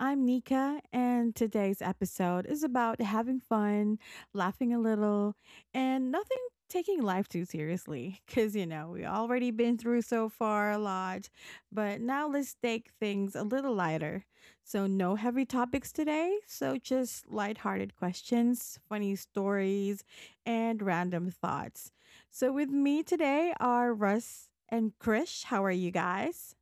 I'm Nika, and today's episode is about having fun, laughing a little, and nothing taking life too seriously. Because, we already been through so far a lot, but now let's take things a little lighter. So, no heavy topics today, so just lighthearted questions, funny stories, and random thoughts. So, with me today are Russ and Krish. How are you guys?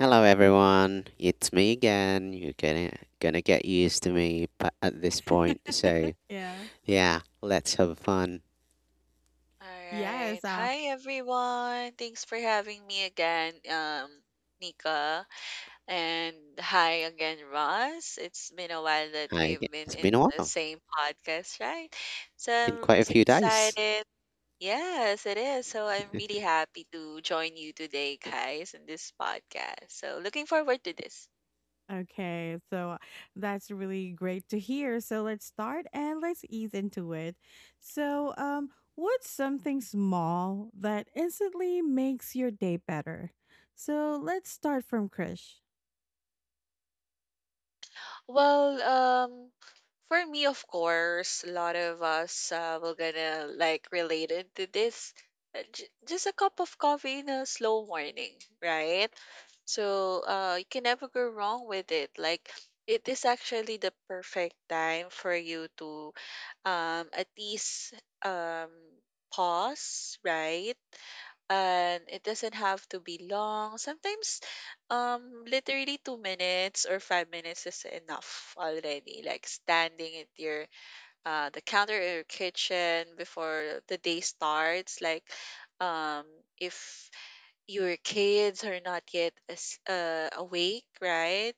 Hello everyone, it's me again. You're gonna get used to me at this point. So Yeah. yeah, let's have fun. All right. Yes. Hi, everyone. Thanks for having me again, Nika. And hi again, Ross. It's been a while that Hi we've again. been It's in been a the while. same podcast, right? So Been I'm quite a so few days. excited. Yes, it is. So I'm really happy to join you today, guys, in this podcast. So looking forward to this. Okay. So that's really great to hear. So let's start and let's ease into it. So, what's something small that instantly makes your day better? So let's start from Krish. Well, for me, of course, a lot of us will gonna like relate into this. Just a cup of coffee in a slow morning, right? So you can never go wrong with it. Like it is actually the perfect time for you to at least um pause, right? And it doesn't have to be long. Sometimes, literally 2 minutes or 5 minutes is enough already. Like standing at your the counter or your kitchen before the day starts. Like, um, if your kids are not yet awake, right?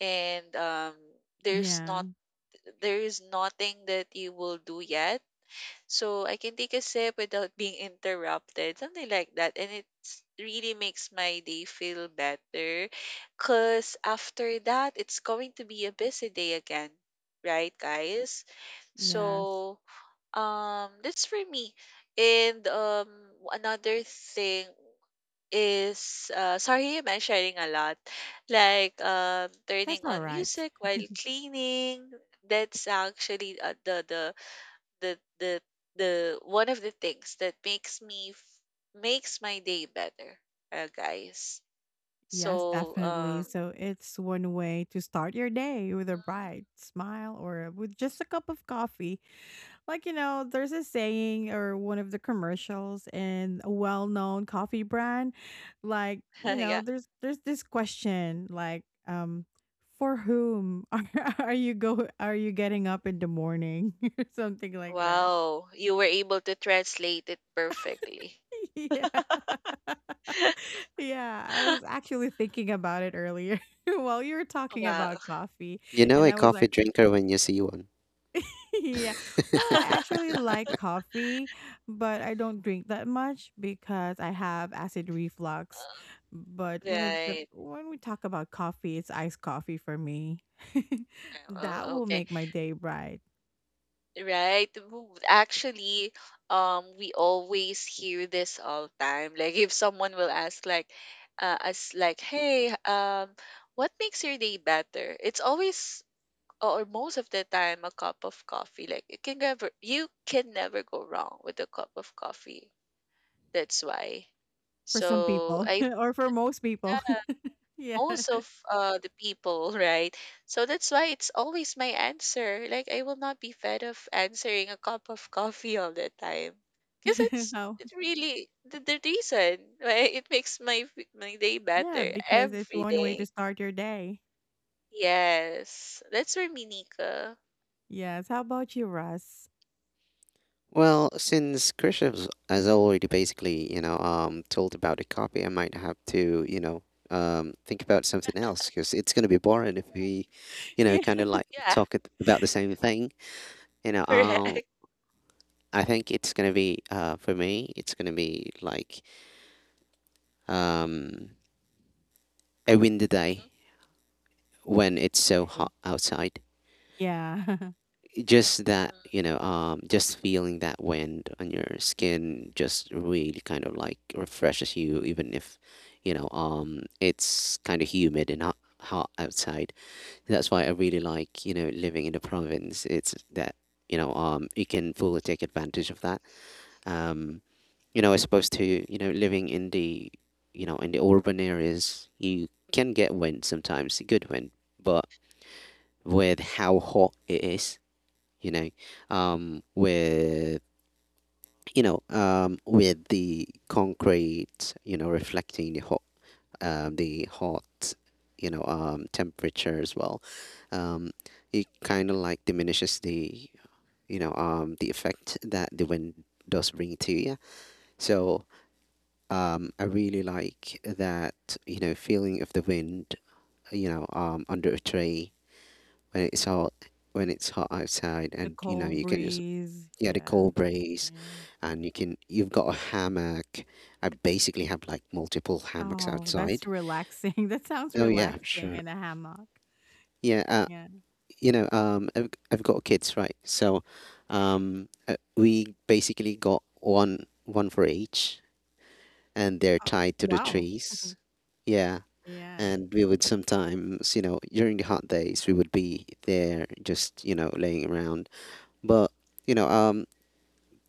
And there's Yeah. not there is nothing that you will do yet, so I can take a sip without being interrupted, something like that. And it really makes my day feel better because after that, it's going to be a busy day again, right, guys? Yes. So that's for me. And another thing is, sorry, am I sharing a lot? Like, turning That's all on right. music while cleaning. That's actually the the the one of the things that makes my day better, guys. Yes, So, definitely. So it's one way to start your day with a bright mhm. smile or with just a cup of coffee. Like, there's a saying or one of the commercials in a well-known coffee brand, like, Yeah. there's this question like, for whom are, are you getting up in the morning or something like that. Wow, you were able to translate it perfectly. Yeah. Yeah, I was actually thinking about it earlier while you were talking Wow. about coffee You know and a I was coffee like, drinker when you see one. yeah. Well, I actually like coffee, but I don't drink that much because I have acid reflux. But Right. when we talk about coffee, it's iced coffee for me. That Oh, will okay. make my day bright Right. Actually, we always hear this all time. Like if someone will ask like us like, hey, what makes your day better? It's always or most of the time a cup of coffee. Like you can never go wrong with a cup of coffee. That's why. for some So people I or for most people. Yeah. most of the people, right? So that's why it's always my answer. Like I will not be fed of answering a cup of coffee all the time, because it's How? it really the reason why it makes my day Yeah, better because it's every one way to day. start your day. Yes, that's for me, Nika. Yes. How about you, Russ? Well, since Christoph has already basically, told about the coffee, I might have to, think about something else because it's gonna be boring if we, Yeah. kind of like Yeah, talk about the same thing. You know, uh, correct. I think it's gonna be for me it's gonna be like um a windy day Mhm. when it's so Okay. hot outside. Yeah. Just that, Mm. Just feeling that wind on your skin just really kind of like refreshes you even if, it's kind of humid and hot, hot outside. That's why I really like, living in the province. It's that, you can fully take advantage of that. Um as opposed to, living in the urban areas, you can get wind sometimes, good wind, but with how hot it is, you know, with, with the concrete, reflecting the hot, temperature as well, um, it kind of like diminishes the effect that the wind does bring to you. So, I really like that, feeling of the wind, under a tree when it's hot, when it's hot outside, The and, cold you can just, breeze. yeah, the Yeah. cold breeze, Yeah. and you've got a hammock. I basically have like multiple hammocks Oh, that's outside. relaxing. That sounds Oh yeah, relaxing sure. in a hammock. Yeah, Yeah. I've got kids, right? So, we basically got one for each, and they're Oh, tied to the wow. Mhm. trees. Yeah, Yeah. and we would sometimes, during the hot days we would be there just, laying around. But, you know um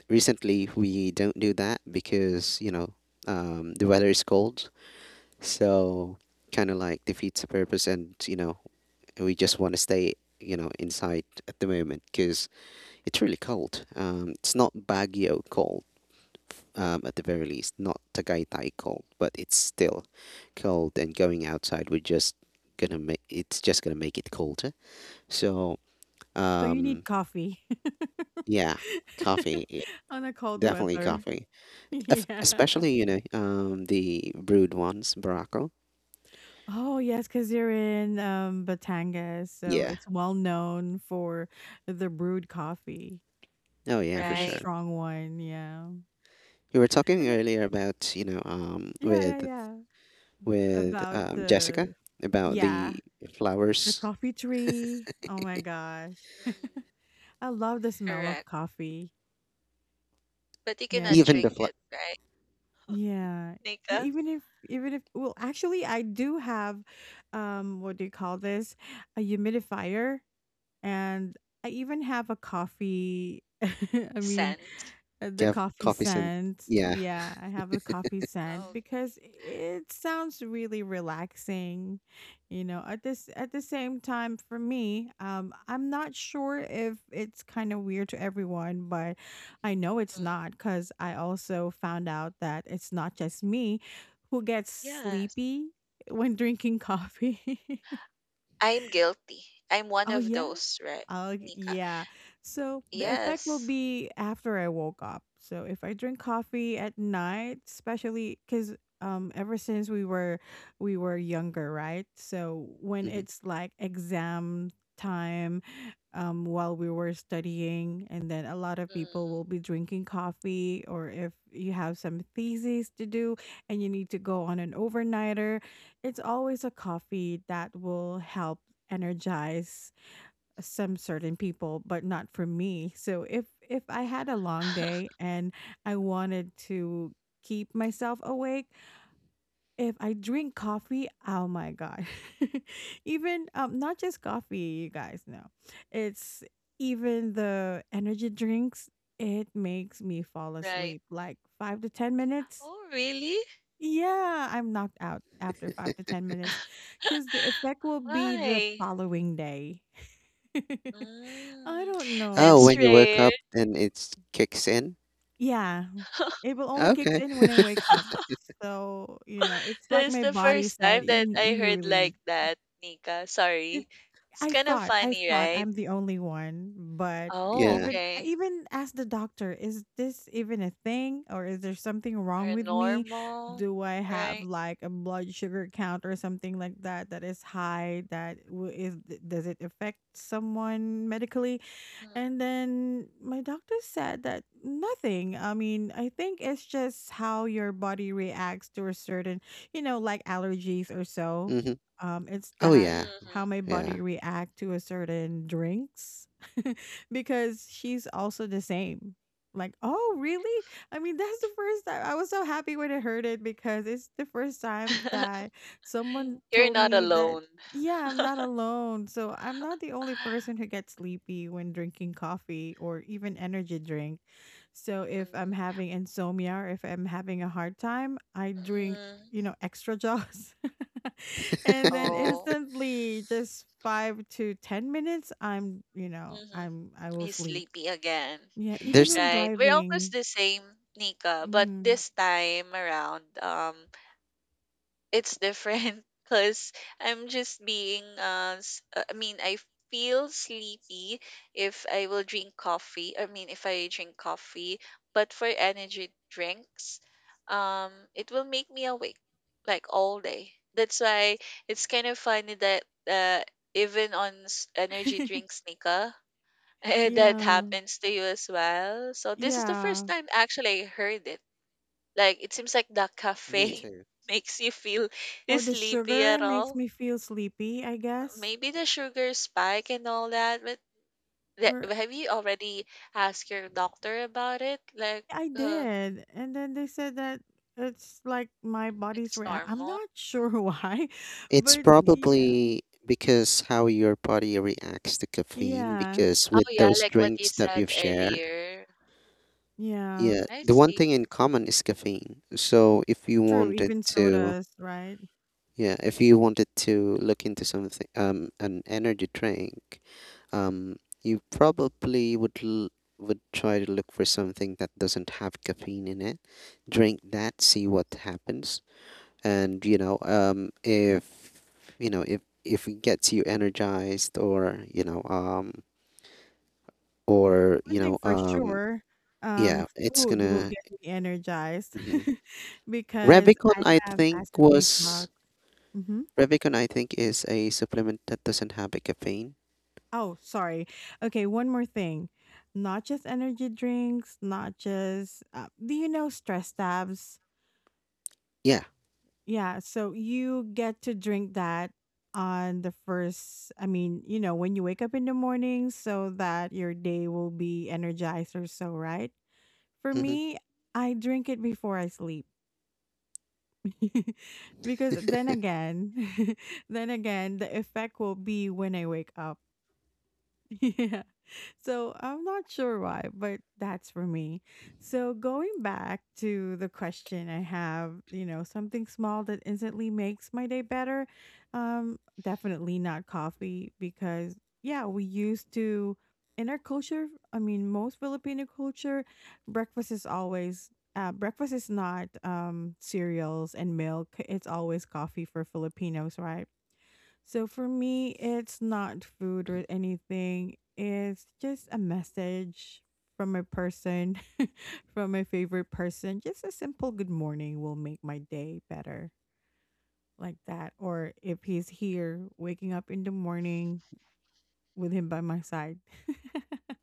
recently we don't do that because, the weather is cold, so kind of like defeats the purpose. And, we just want to stay, inside at the moment because it's really cold. It's not Baguio cold, at the very least, not Tagaytay cold, but it's still cold. And going outside, we're just gonna make it's just gonna make it colder. So, So you need um, coffee yeah, coffee, on a cold definitely weather. coffee, Yeah. especially, the brewed ones, Barako. Oh, yes, because you're in Batangas. So Yeah, it's well known for the brewed coffee oh yeah, for and the Right. sure. strong one. Yeah. You were talking And, earlier about, yeah, yeah, with yeah. with About Jessica the, about yeah, the the flowers, coffee tree. Oh my gosh. Mhm. Mm. I love the smell of Correct. coffee. But you Yes. cannot even the drink it, right? Yeah. E- Nika? Even if, Well, actually, I do have, what do you call this? A humidifier. And I even have a coffee. I mean, Scent. The coffee coffee scent. scent. Yeah. Yeah, I have a coffee Oh, scent okay. because it sounds really relaxing. You know, at the same time for me, I'm not sure if it's kind of weird to everyone, but I know it's Mm. not cuz I also found out that it's not just me who gets Yes. sleepy when drinking coffee. I'm guilty. I'm one Oh of yeah? those, right, Oh Nika? yeah. So the effect will Yes. be after I woke up. So if I drink coffee at night, especially because ever since we were younger, right? So when Mm-hmm. it's like exam time, while we were studying, and then a lot of people Mm. will be drinking coffee, or if you have some theses to do and you need to go on an overnighter, it's always a coffee that will help energize some certain people but not for me. So if I had a long day and I wanted to keep myself awake, if I drink coffee, oh my god. Even not just coffee, you guys know it's even the energy drinks. It makes me fall Right. asleep like 5 to 10 minutes. Oh, really? Yeah, I'm knocked out after 5 to 10 minutes cuz the effect will be the Why? following day. I Mm. don't know. Oh, That's when you wake rare. up, then it kicks in. Yeah. It will only kicks Okay. in when I wake up. So, you know, it's like That's my the body first said, time you that n- I you heard like really that, Nika. need" it. Sorry. It's I kind of thought, I funny, thought right? I'm the only one, but Oh, Yeah. even I okay. even asked the doctor, is this even a thing or is there something wrong with me? Paranormal, Do I have right? like a blood sugar count or something like that that is high that does it affect someone medically? And then my doctor said that nothing. I mean, I think it's just how your body reacts to a certain, like allergies or so. Hmm. It's Oh, that yeah. how Mm-hmm. my Yeah. body react to a certain drinks because she's also the same. Like, oh, really? I mean, that's the first time I was so happy when I heard it because it's the first time that someone You're told not me that alone. yeah, I'm not alone. So I'm not the only person who gets sleepy when drinking coffee or even energy drink. So if I'm Mm-hmm. having insomnia or if I'm having a hard time, I drink, extra jaws. And then Oh. instantly just 5 to 10 minutes I'm, you know, Mm-hmm. I'm I will He's sleep. sleepy again, Yeah, even There's when right? We're almost driving. the same, Nika, but Hmm. this time around, it's different because I'm just being, I mean, I feel sleepy if I will drink coffee. I mean, if I drink coffee, but for energy drinks, it will make me awake like all day. That's why it's kind of funny that, uh, even on energy drinks, Nika, that Yeah. happens to you as well. So this is the Yeah. first time actually I heard it. Like it seems like the me caffeine too. makes you feel Or the sleepy sugar at makes all. me feel sleepy, I guess. Maybe the sugar spike and all that. Or Have you already asked your doctor about it? Like, I uh, did. And then they said that it's like my body's it's react. I'm normal. not sure why, It's but yeah. probably because how your body reacts to caffeine, Yeah. because Oh with yeah, those like what you drinks that said you've shared, earlier. Yeah. yeah, I the one see. thing in common is caffeine. So if you True. wanted Even to, sodas, right? yeah, if you wanted to look into something, an energy drink. Um, you probably would would try to look for something that doesn't have caffeine in it. Drink that, see what happens, and, if, if it gets you energized, or or you One thing know for um sure, yeah, it's food will gonna. get me energized Mhm. because Revicon, I I have think, acid was reflux. Hmm. Revicon. I think is a supplement that doesn't have a caffeine. Oh, sorry. Okay. One more thing. Not just energy drinks, not just, do you know stress tabs? Yeah. Yeah, so you get to drink that on the first, I mean, when you wake up in the morning so that your day will be energized or so, right? For Hmm. me, I drink it before I sleep. Because then again, then again, the effect will be when I wake up. Yeah. So I'm not sure why, but that's for me. So going back to the question I have, something small that instantly makes my day better. Definitely not coffee because yeah, we used to in our culture, I mean most Filipino culture, breakfast is always breakfast is not cereals and milk. It's always coffee for Filipinos, right? So for me, it's not food or anything. It's just a message from a person, from my favorite person. Just a simple good morning will make my day better, like that. Or if he's here, waking up in the morning with him by my side.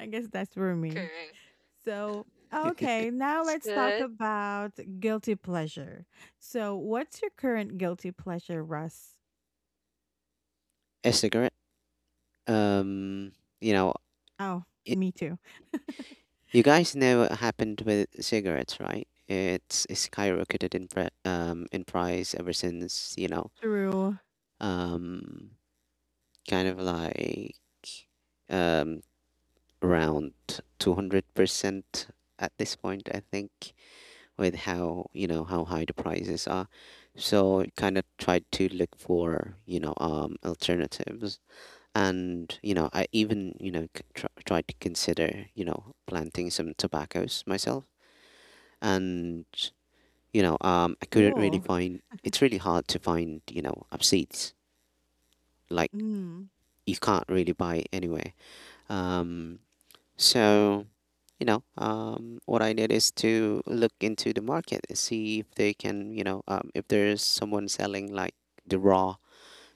I guess that's for me. Correct. So, okay, now That's let's talk good. about guilty pleasure. So, what's your current guilty pleasure, Russ? A cigarette. Um, you know, Oh, me too. You guys know what happened with cigarettes, right? It's skyrocketed in price ever since, True. um kind of like um around 200% at this point, I think, with how, how high the prices are. So kind of tried to look for, alternatives. And, I even, tried to consider, planting some tobaccos myself. And, I couldn't really Cool. find. It's really hard to find, seats. Like Mm. you can't really buy it anywhere. Um, so, what I did is to look into the market and see if they can, if there's someone selling like the raw,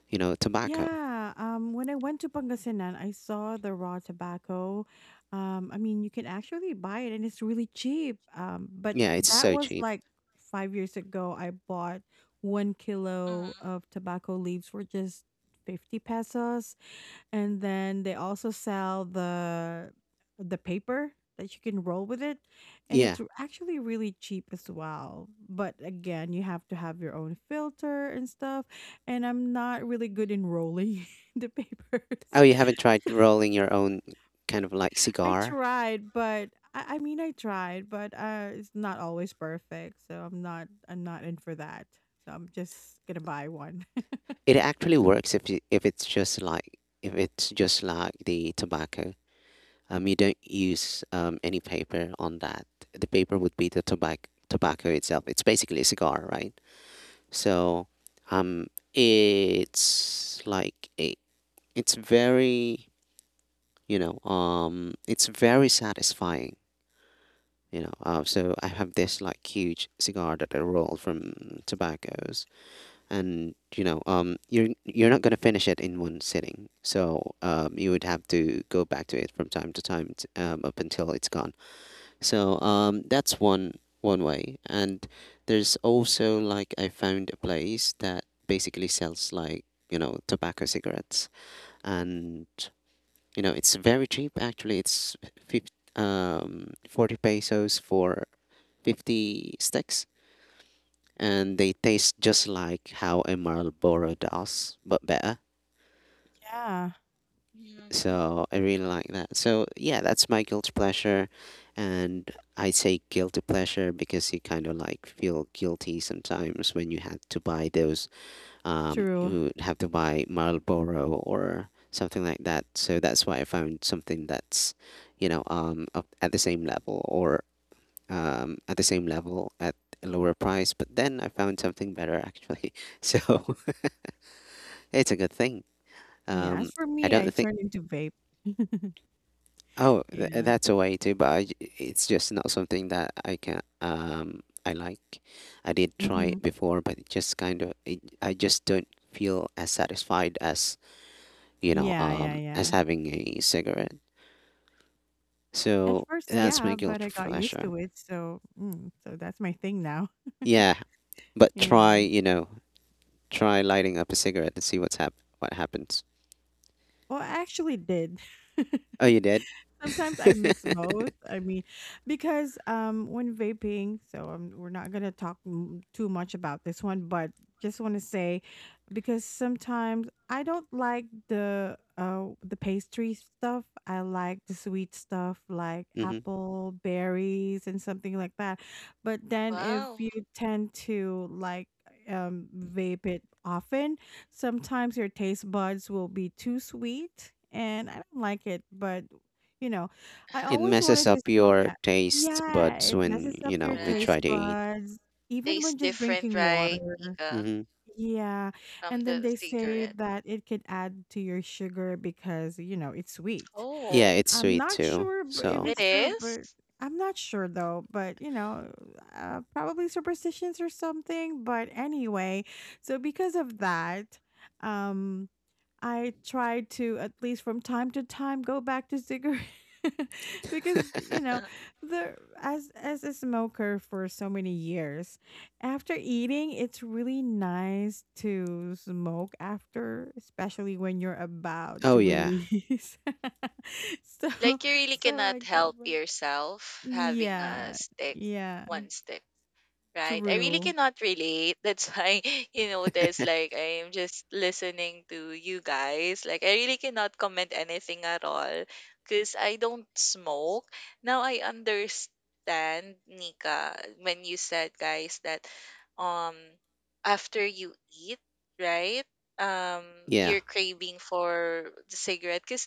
tobacco. Yeah. When I went to Pangasinan, I saw the raw tobacco. I mean, you can actually buy it and it's really cheap. But Yeah, it's that so was cheap. like 5 years ago. I bought 1 kilo of Mm-hmm. tobacco leaves for just 50 pesos. And then they also sell the paper that you can roll with it and Yeah. it's actually really cheap as well, but again you have to have your own filter and stuff and I'm not really good Mm-hmm. in rolling the papers. Oh, you haven't tried So rolling your own kind of like cigar? I mean I tried but it's not always perfect, so I'm not in for that, so I'm just gonna buy one. It actually works if if it's just like the tobacco. You don't use, any paper on that. The paper would be the tobacco itself. It's basically a cigar, right? So, um, it's it's very you know it's very satisfying. So I have this like huge cigar that I roll from tobaccos, and, you're not gonna finish it in one sitting. So, you would have to go back to it from time to time, t up until it's gone. So, that's one way. And there's also, like, I found a place that basically sells, like, tobacco cigarettes, and, it's very cheap. Actually, it's 50, 40 pesos for 50 sticks, and they taste just like how a Marlboro does, but better. Yeah, Mm-hmm. So I really like that. So yeah, that's my guilty pleasure, and I say guilty pleasure because you kind of like feel guilty sometimes when you had to buy those. True. You would have to buy Marlboro or something like that. So that's why I found something that's, up at the same level, or at the same level at a lower price. But then I found something better actually. So it's a good thing. Yeah, as Um, for I me, I don't think. turned into vape. Oh, Yeah. that's a way too, but it's just not something that I like. I did try Mhm. it before, but it just kind of it, I just don't feel as satisfied as, Yeah, yeah, as yeah. having a cigarette. At So first, that's my yeah, but guilty I got used pleasure. to it, so so that's my thing now. Yeah, but try, Yeah. Try lighting up a cigarette and see what happens. Well, I actually did. Oh, you did? Sometimes I mix both. I mean, because when vaping, so we're not gonna talk too much about this one, but just want to say, because sometimes I don't like the the pastry stuff. I like the sweet stuff, like Mm-hmm. apple, berries, and something like that. But then if Wow. you tend to like vape it often, sometimes your taste buds will be too sweet. And I don't like it, but you know, I It always messes wanted to up smoke your a. taste Yeah, buds it when, messes up your when you Right. try taste to eat. buds, even Tastes when just different, drinking right, water. Nika, Mm-hmm. Yeah, from and then the they say cigarette? that it could add to your sugar because, it's sweet. Yeah, Oh, it's I'm sweet not too. sure if So. it it's true, is? but I'm not sure though. But probably superstitions or something. But anyway, so because of that, um, I try to at least from time to time go back to cigarette because you know the as a smoker for so many years, after eating it's really nice to smoke after, especially when you're about to Oh yeah. release. so Like you really so I cannot go help back. yourself having a Yeah, stick, yeah, one stick. Right. I really true. cannot relate. That's why you notice like I am just listening to you guys. Like I really cannot comment anything at all because I don't smoke. Now I understand, Nika, when you said guys that um after you eat, right? Um Yeah. you're craving for the cigarette 'cause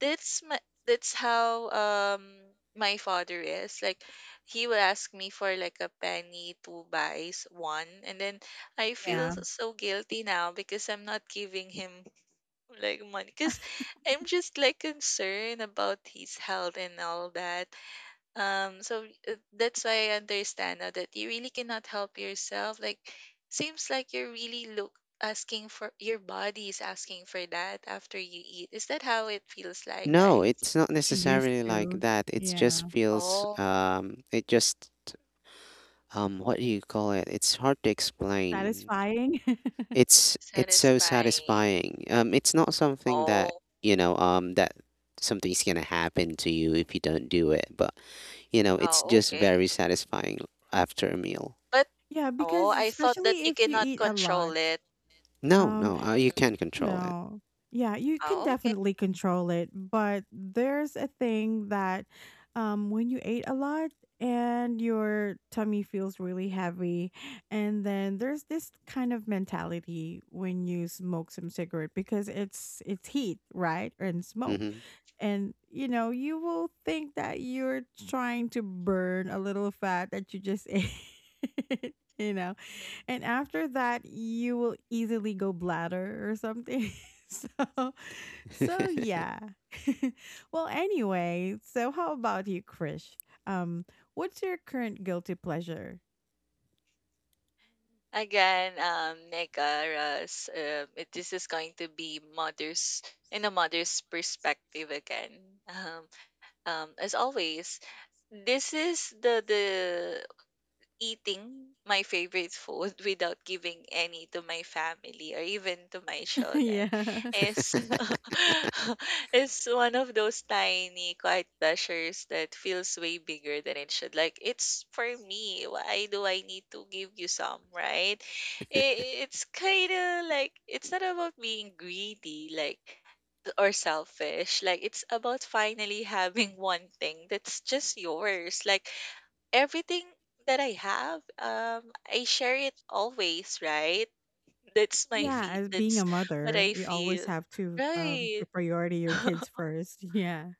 that's my that's how my father is. Like he will ask me for like a penny two buys one, and then I feel Yeah, so guilty now because I'm not giving him like money, because I'm just like concerned about his health and all that. So that's why I understand now that you really cannot help yourself. Like, seems like you're really look asking for, your body is asking for that after you eat. Is that how it feels like, No, guys? it's not he used necessarily like to. that. It just Yeah, feels, Oh, it just, what do you call it? It's hard to explain. satisfying. It's so satisfying. satisfying. It's not something that, Oh, that something's gonna happen to you if you don't do it, but, it's oh, just okay. very satisfying after a meal. But Yeah, oh, because I thought that especially you if you cannot eat a control lot, it. No, um, no, you Mm. can't control it. no, yeah, you can Oh, okay. definitely control it. But there's a thing that, when you ate a lot and your tummy feels really heavy, and then there's this kind of mentality when you smoke some cigarette because it's heat, right, and smoke. Mm-hmm. And you will think that you're trying to burn a little fat that you just ate. you know Mhm. and after that, you will easily go bladder or something. so, so yeah. Well, anyway, so how about you, Krish? Um, what's your current guilty pleasure? Again, Nika, Russ, this is going to be mother's in a mother's perspective again. Um, as always, this is the eating my favorite food without giving any to my family or even to my children Yeah. is is one of those tiny quiet pleasures that feels way bigger than it should. Like it's for me, why do I need to give you some, right? It's kind of like, it's not about being greedy, like, or selfish. Like it's about finally having one thing that's just yours. Like everything that I have, I share it always, right? That's my Yeah, fe as being that's a what mother, I you always feel. have to um Right. to priority your kids first. Yeah.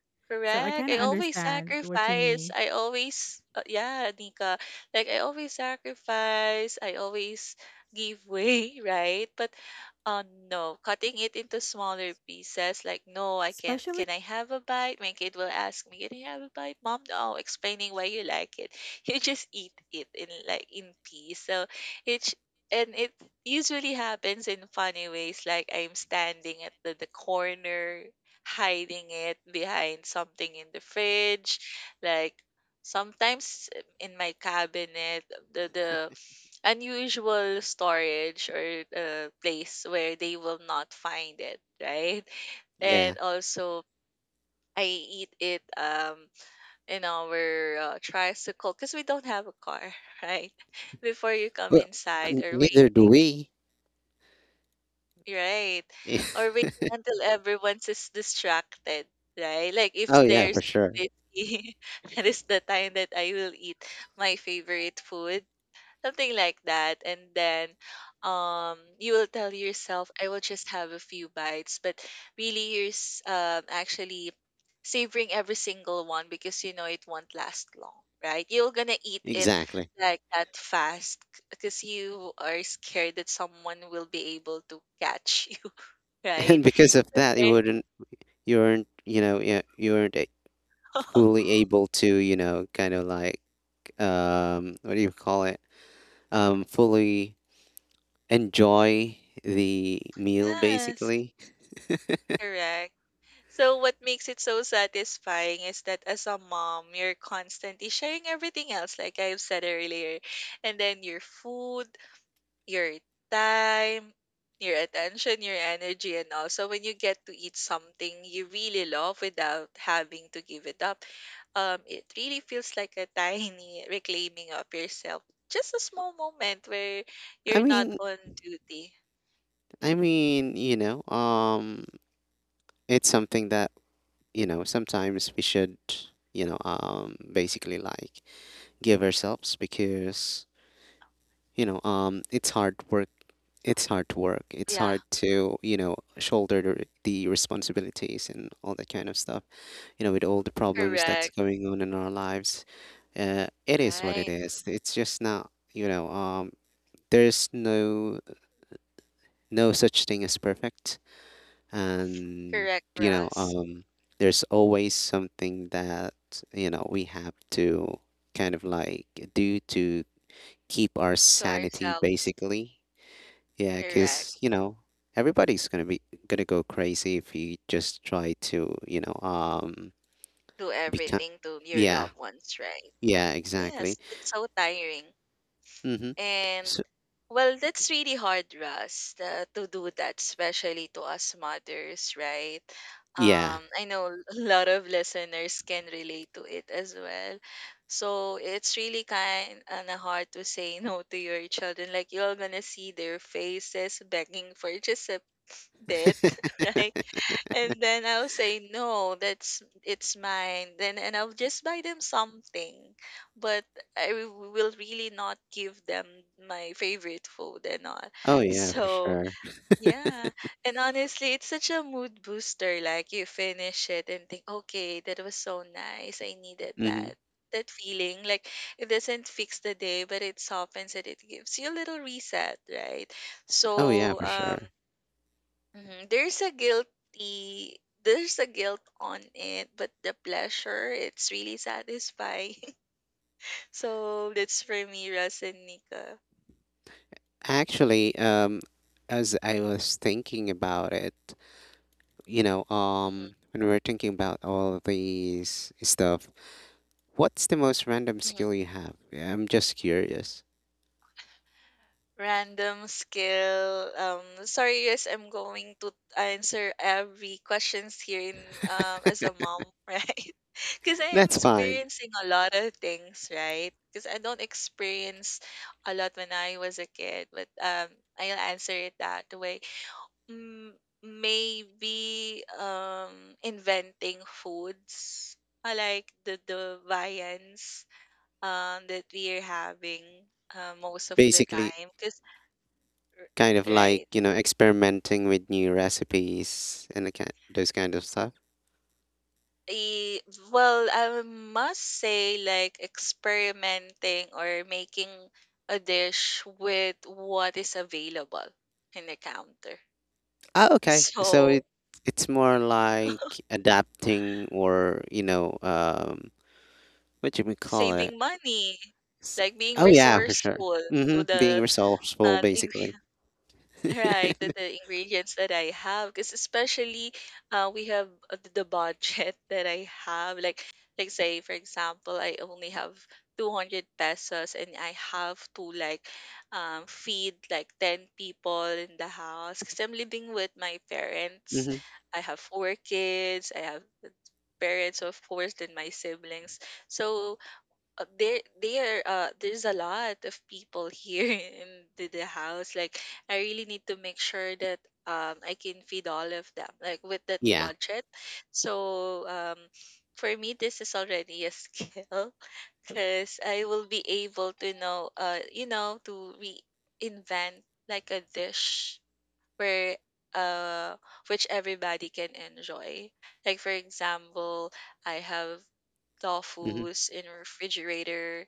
So I Correct. kind I of always understand what you sacrifice. mean. I always, yeah, Nika. Like I always sacrifice. I always give way, right? But, uh, no, cutting it into smaller pieces. Like, no, I can. Especially Can I have a bite? My kid will ask me, "Can I have a bite, mom?" No, explaining why you like it. You just eat it in peace. So it's it usually happens in funny ways. Like I'm standing at the corner, hiding it behind something in the fridge, like sometimes in my cabinet, the unusual storage or place where they will not find it, right? Yeah. And also I eat it in our tricycle because we don't have a car, right? Before you come Well, inside or neither do waiting. we. Right. Or waiting until everyone is distracted, right? Like Oh if yeah, they're for so sure. busy, that is the time that I will eat my favorite food, something like that. And then you will tell yourself, I will just have a few bites, but really you're actually savoring every single one, because you know it won't last long, right? You're gonna eat it Exactly. like that fast because you are scared that someone will be able to catch you, right? And because of So that, there. You weren't, yeah, you weren't fully able to, kind of like, what do you call it? Fully enjoy the meal, Yes, basically. correct. So what makes it so satisfying is that as a mom, you're constantly sharing everything else, like I've said earlier. And then your food, your time, your attention, your energy, and also when you get to eat something you really love without having to give it up, it really feels like a tiny reclaiming of yourself. Just a small moment where I you're not mean, on duty. I Hmm. mean, it's something that, sometimes we should, basically, like, give ourselves because, it's hard work, it's hard work. It's Yeah, hard to, shoulder the responsibilities and all that kind of stuff. With all the problems that's correct. going on in our lives, it is what it Right. is. It's just not, there's no such thing as perfect, and, Correct, you know, Russ. um, there's always something that, we have to kind of like do to keep our To sanity, ourselves, basically. Yeah, correct. because, everybody's gonna go crazy if you just try to, Do become. everything to your Yeah, loved ones, right? yeah, Yes, exactly. it's so tiring. Mm-hmm. And So well, that's really hard, Russ, to do that, especially to us mothers, right? yeah. I know a lot of listeners can relate to it as well. So it's really kind and hard to say no to your children. Like you're gonna see their faces begging for just a bit, right? And then I'll say, "No, that's it's mine." Then and I'll just buy them something, but I will really not give them my favorite food and all. Oh yeah, for So sure. yeah, and honestly, it's such a mood booster. Like you finish it and think, "Okay, that was so nice. I needed Mm-hmm. that." That feeling, like it doesn't fix the day, but it softens it. It gives you a little reset, right? Oh yeah, So for sure. mhm. There's a guilt on it, but the pleasure, it's really satisfying. So that's for me, Russ and Nika. Actually, as I was thinking about it, Mhm, when we were thinking about all of these stuff, what's the most random mhm. skill you have? Yeah, I'm just curious. Random skill. Sorry, yes, I'm going to answer every questions here in as a mom, right? Because I am That's fine. experiencing a lot of things, right? Because I don't experience a lot when I was a kid, but I'll answer it that way. Mm, maybe inventing foods I like, the viands that we are having most of the Basically, time because kind of like, right, experimenting with new recipes and the ki those kind of stuff? I, well I must say like experimenting or making a dish with what is available in the counter, Ah, okay. So it so it's more like adapting, or, what do we call it? saving money, S- like being Oh yeah, for sure. resourceful to Mm-hmm. Being the, resourceful, uh, basically. right, the, the ingredients that I have, because especially we have the budget that I have. Like, say for example, I only have 200 pesos, and I have to like feed like 10 people in the house. Because I'm living with my parents. Mm-hmm. I have four kids. I have parents, of course, then my siblings. So there's a lot of people here in the house. Like I really need to make sure that I can feed all of them like with that Yeah. budget. So for me this is already a skill because I will be able to know, to reinvent like a dish, where uh which everybody can enjoy. Like for example, I have hmm tofu's in refrigerator,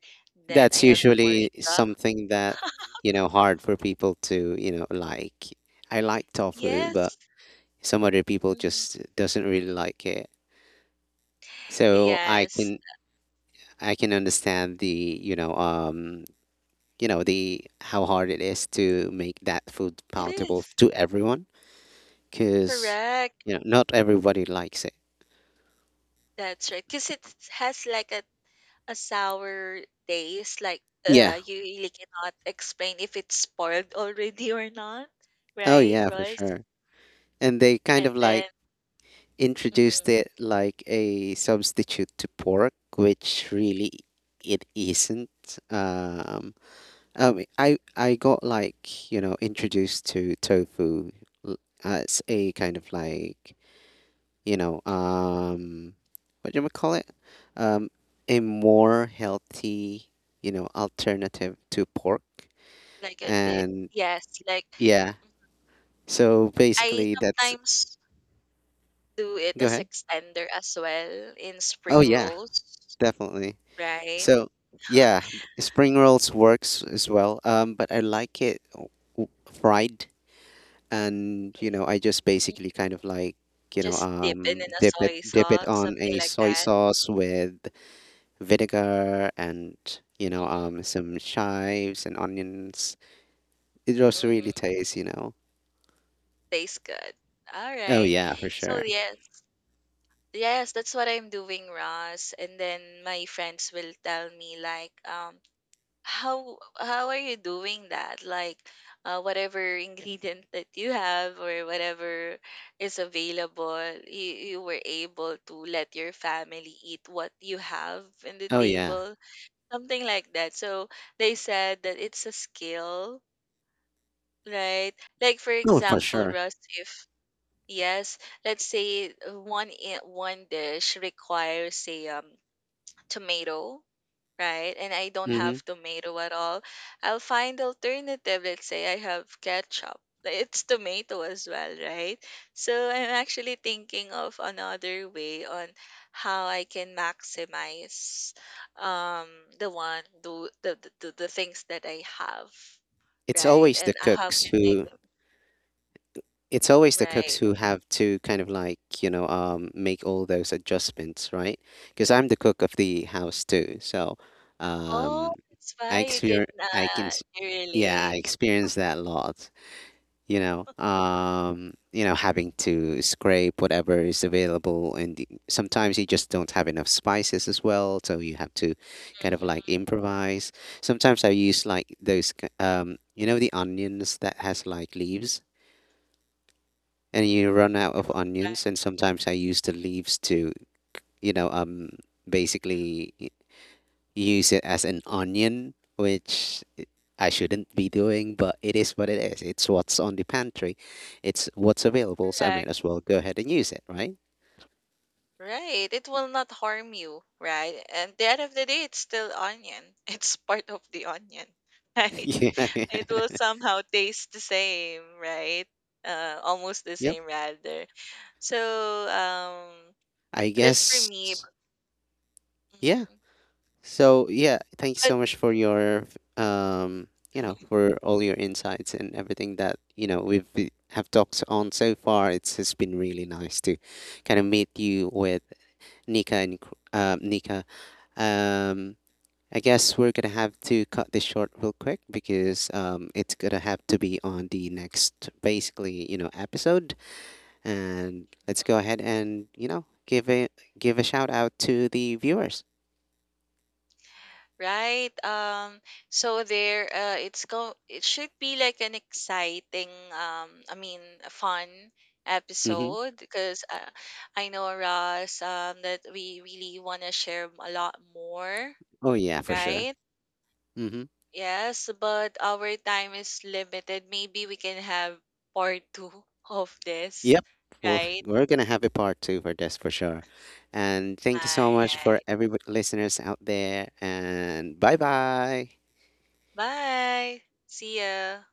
then I That's have the usually moringa. something that, hard for people to, like. I like tofu, but Yes. some other people Hmm. just doesn't really like it. So I Yes. can I can understand the you know um you know the how hard it is to make that food It palatable is. to everyone because, Correct. Not everybody likes it. That's right. 'Cause it has like a sour taste. Like Yeah. You really cannot explain if it's spoiled already or not, Oh right, yeah, for Ross? sure. And they kind And of then like introduced mm-hmm, it like a substitute to pork, which really it isn't. Um, I got, like, introduced to tofu l- as a kind of like, you know, mm-hmm. um, what do we call it? Um, a more healthy, alternative to pork. Like a di And yes, like yeah, mhm. so I basically that's, sometimes do it go as ahead. extender as well in Oh spring yeah, rolls, definitely. right? So yeah, spring rolls works as well. But I like it w- fried, and, I just Mhm. basically kind of like, Just dip it in a dip it soy dip it sauce, on something a like soy that. sauce with vinegar and, Mm-hmm. Some chives and onions. It also really Mm-hmm. tastes, you know. Tastes good. All Oh right. yeah, for So sure. yes, yes, that's what I'm doing, Ross. And then my friends will tell me like, how are you doing that? Like, whatever ingredient that you have or whatever is available, you, you were able to let your family eat what you have in the Oh yeah. table, something like that. So they said that it's a skill, right? Like for Oh, for example, sure. Russ, if yes, let's say one dish requires, say, tomato, right? And I don't hmm have tomato at all, I'll find alternative. Let's say I have ketchup. Like, it's tomato as well, right? So I'm actually thinking of another way on how I can maximize um the one do the, things that I have, It's right? always the And how cooks can I who go right? Have to kind of like, make all those adjustments, right? Because I'm the cook of the house too. So, Oh, um that's why I exper I can s- you yeah, I relate. experience that a lot. Having to scrape whatever is available, and, sometimes you just don't have enough spices as well, so you have to kind of like Mm-hmm. improvise sometimes. I use like those the onions that has like leaves, and you run out of onions, and sometimes I use the leaves to, you know um basically use it as an onion, which I shouldn't be doing, but it is what it is. It's what's on the pantry, it's what's available, so I might Right. as well go ahead and use it, right? Right. It will not harm you, right? And the end of the day, it's still onion. It's part of the onion, right? Yeah. It will somehow taste the same, right? Almost the Yep. same, rather. So, I that's for guess. me. Yeah. Mhm. So yeah, thanks But so much for all your insights and everything that, have talked on so far. It's has been really nice to kind of meet you with Nika and Nika. Um, I guess we're gonna have to cut this short real quick because, it's gonna have to be on the next, basically, episode. And let's go ahead and, give a shout out to the viewers. right. So there, it's go. It should be like an exciting, I mean, a fun Mm-hmm. episode because I know Ross, that we really want to share a lot more, Oh yeah, for sure. right? Mm-hmm. Yes, but our time is limited. Maybe we can have part two of this, Yep. Well, right? we're gonna have a part two for this for sure. And All thank you so much for right. every listeners out there. And bye bye. Bye. See ya.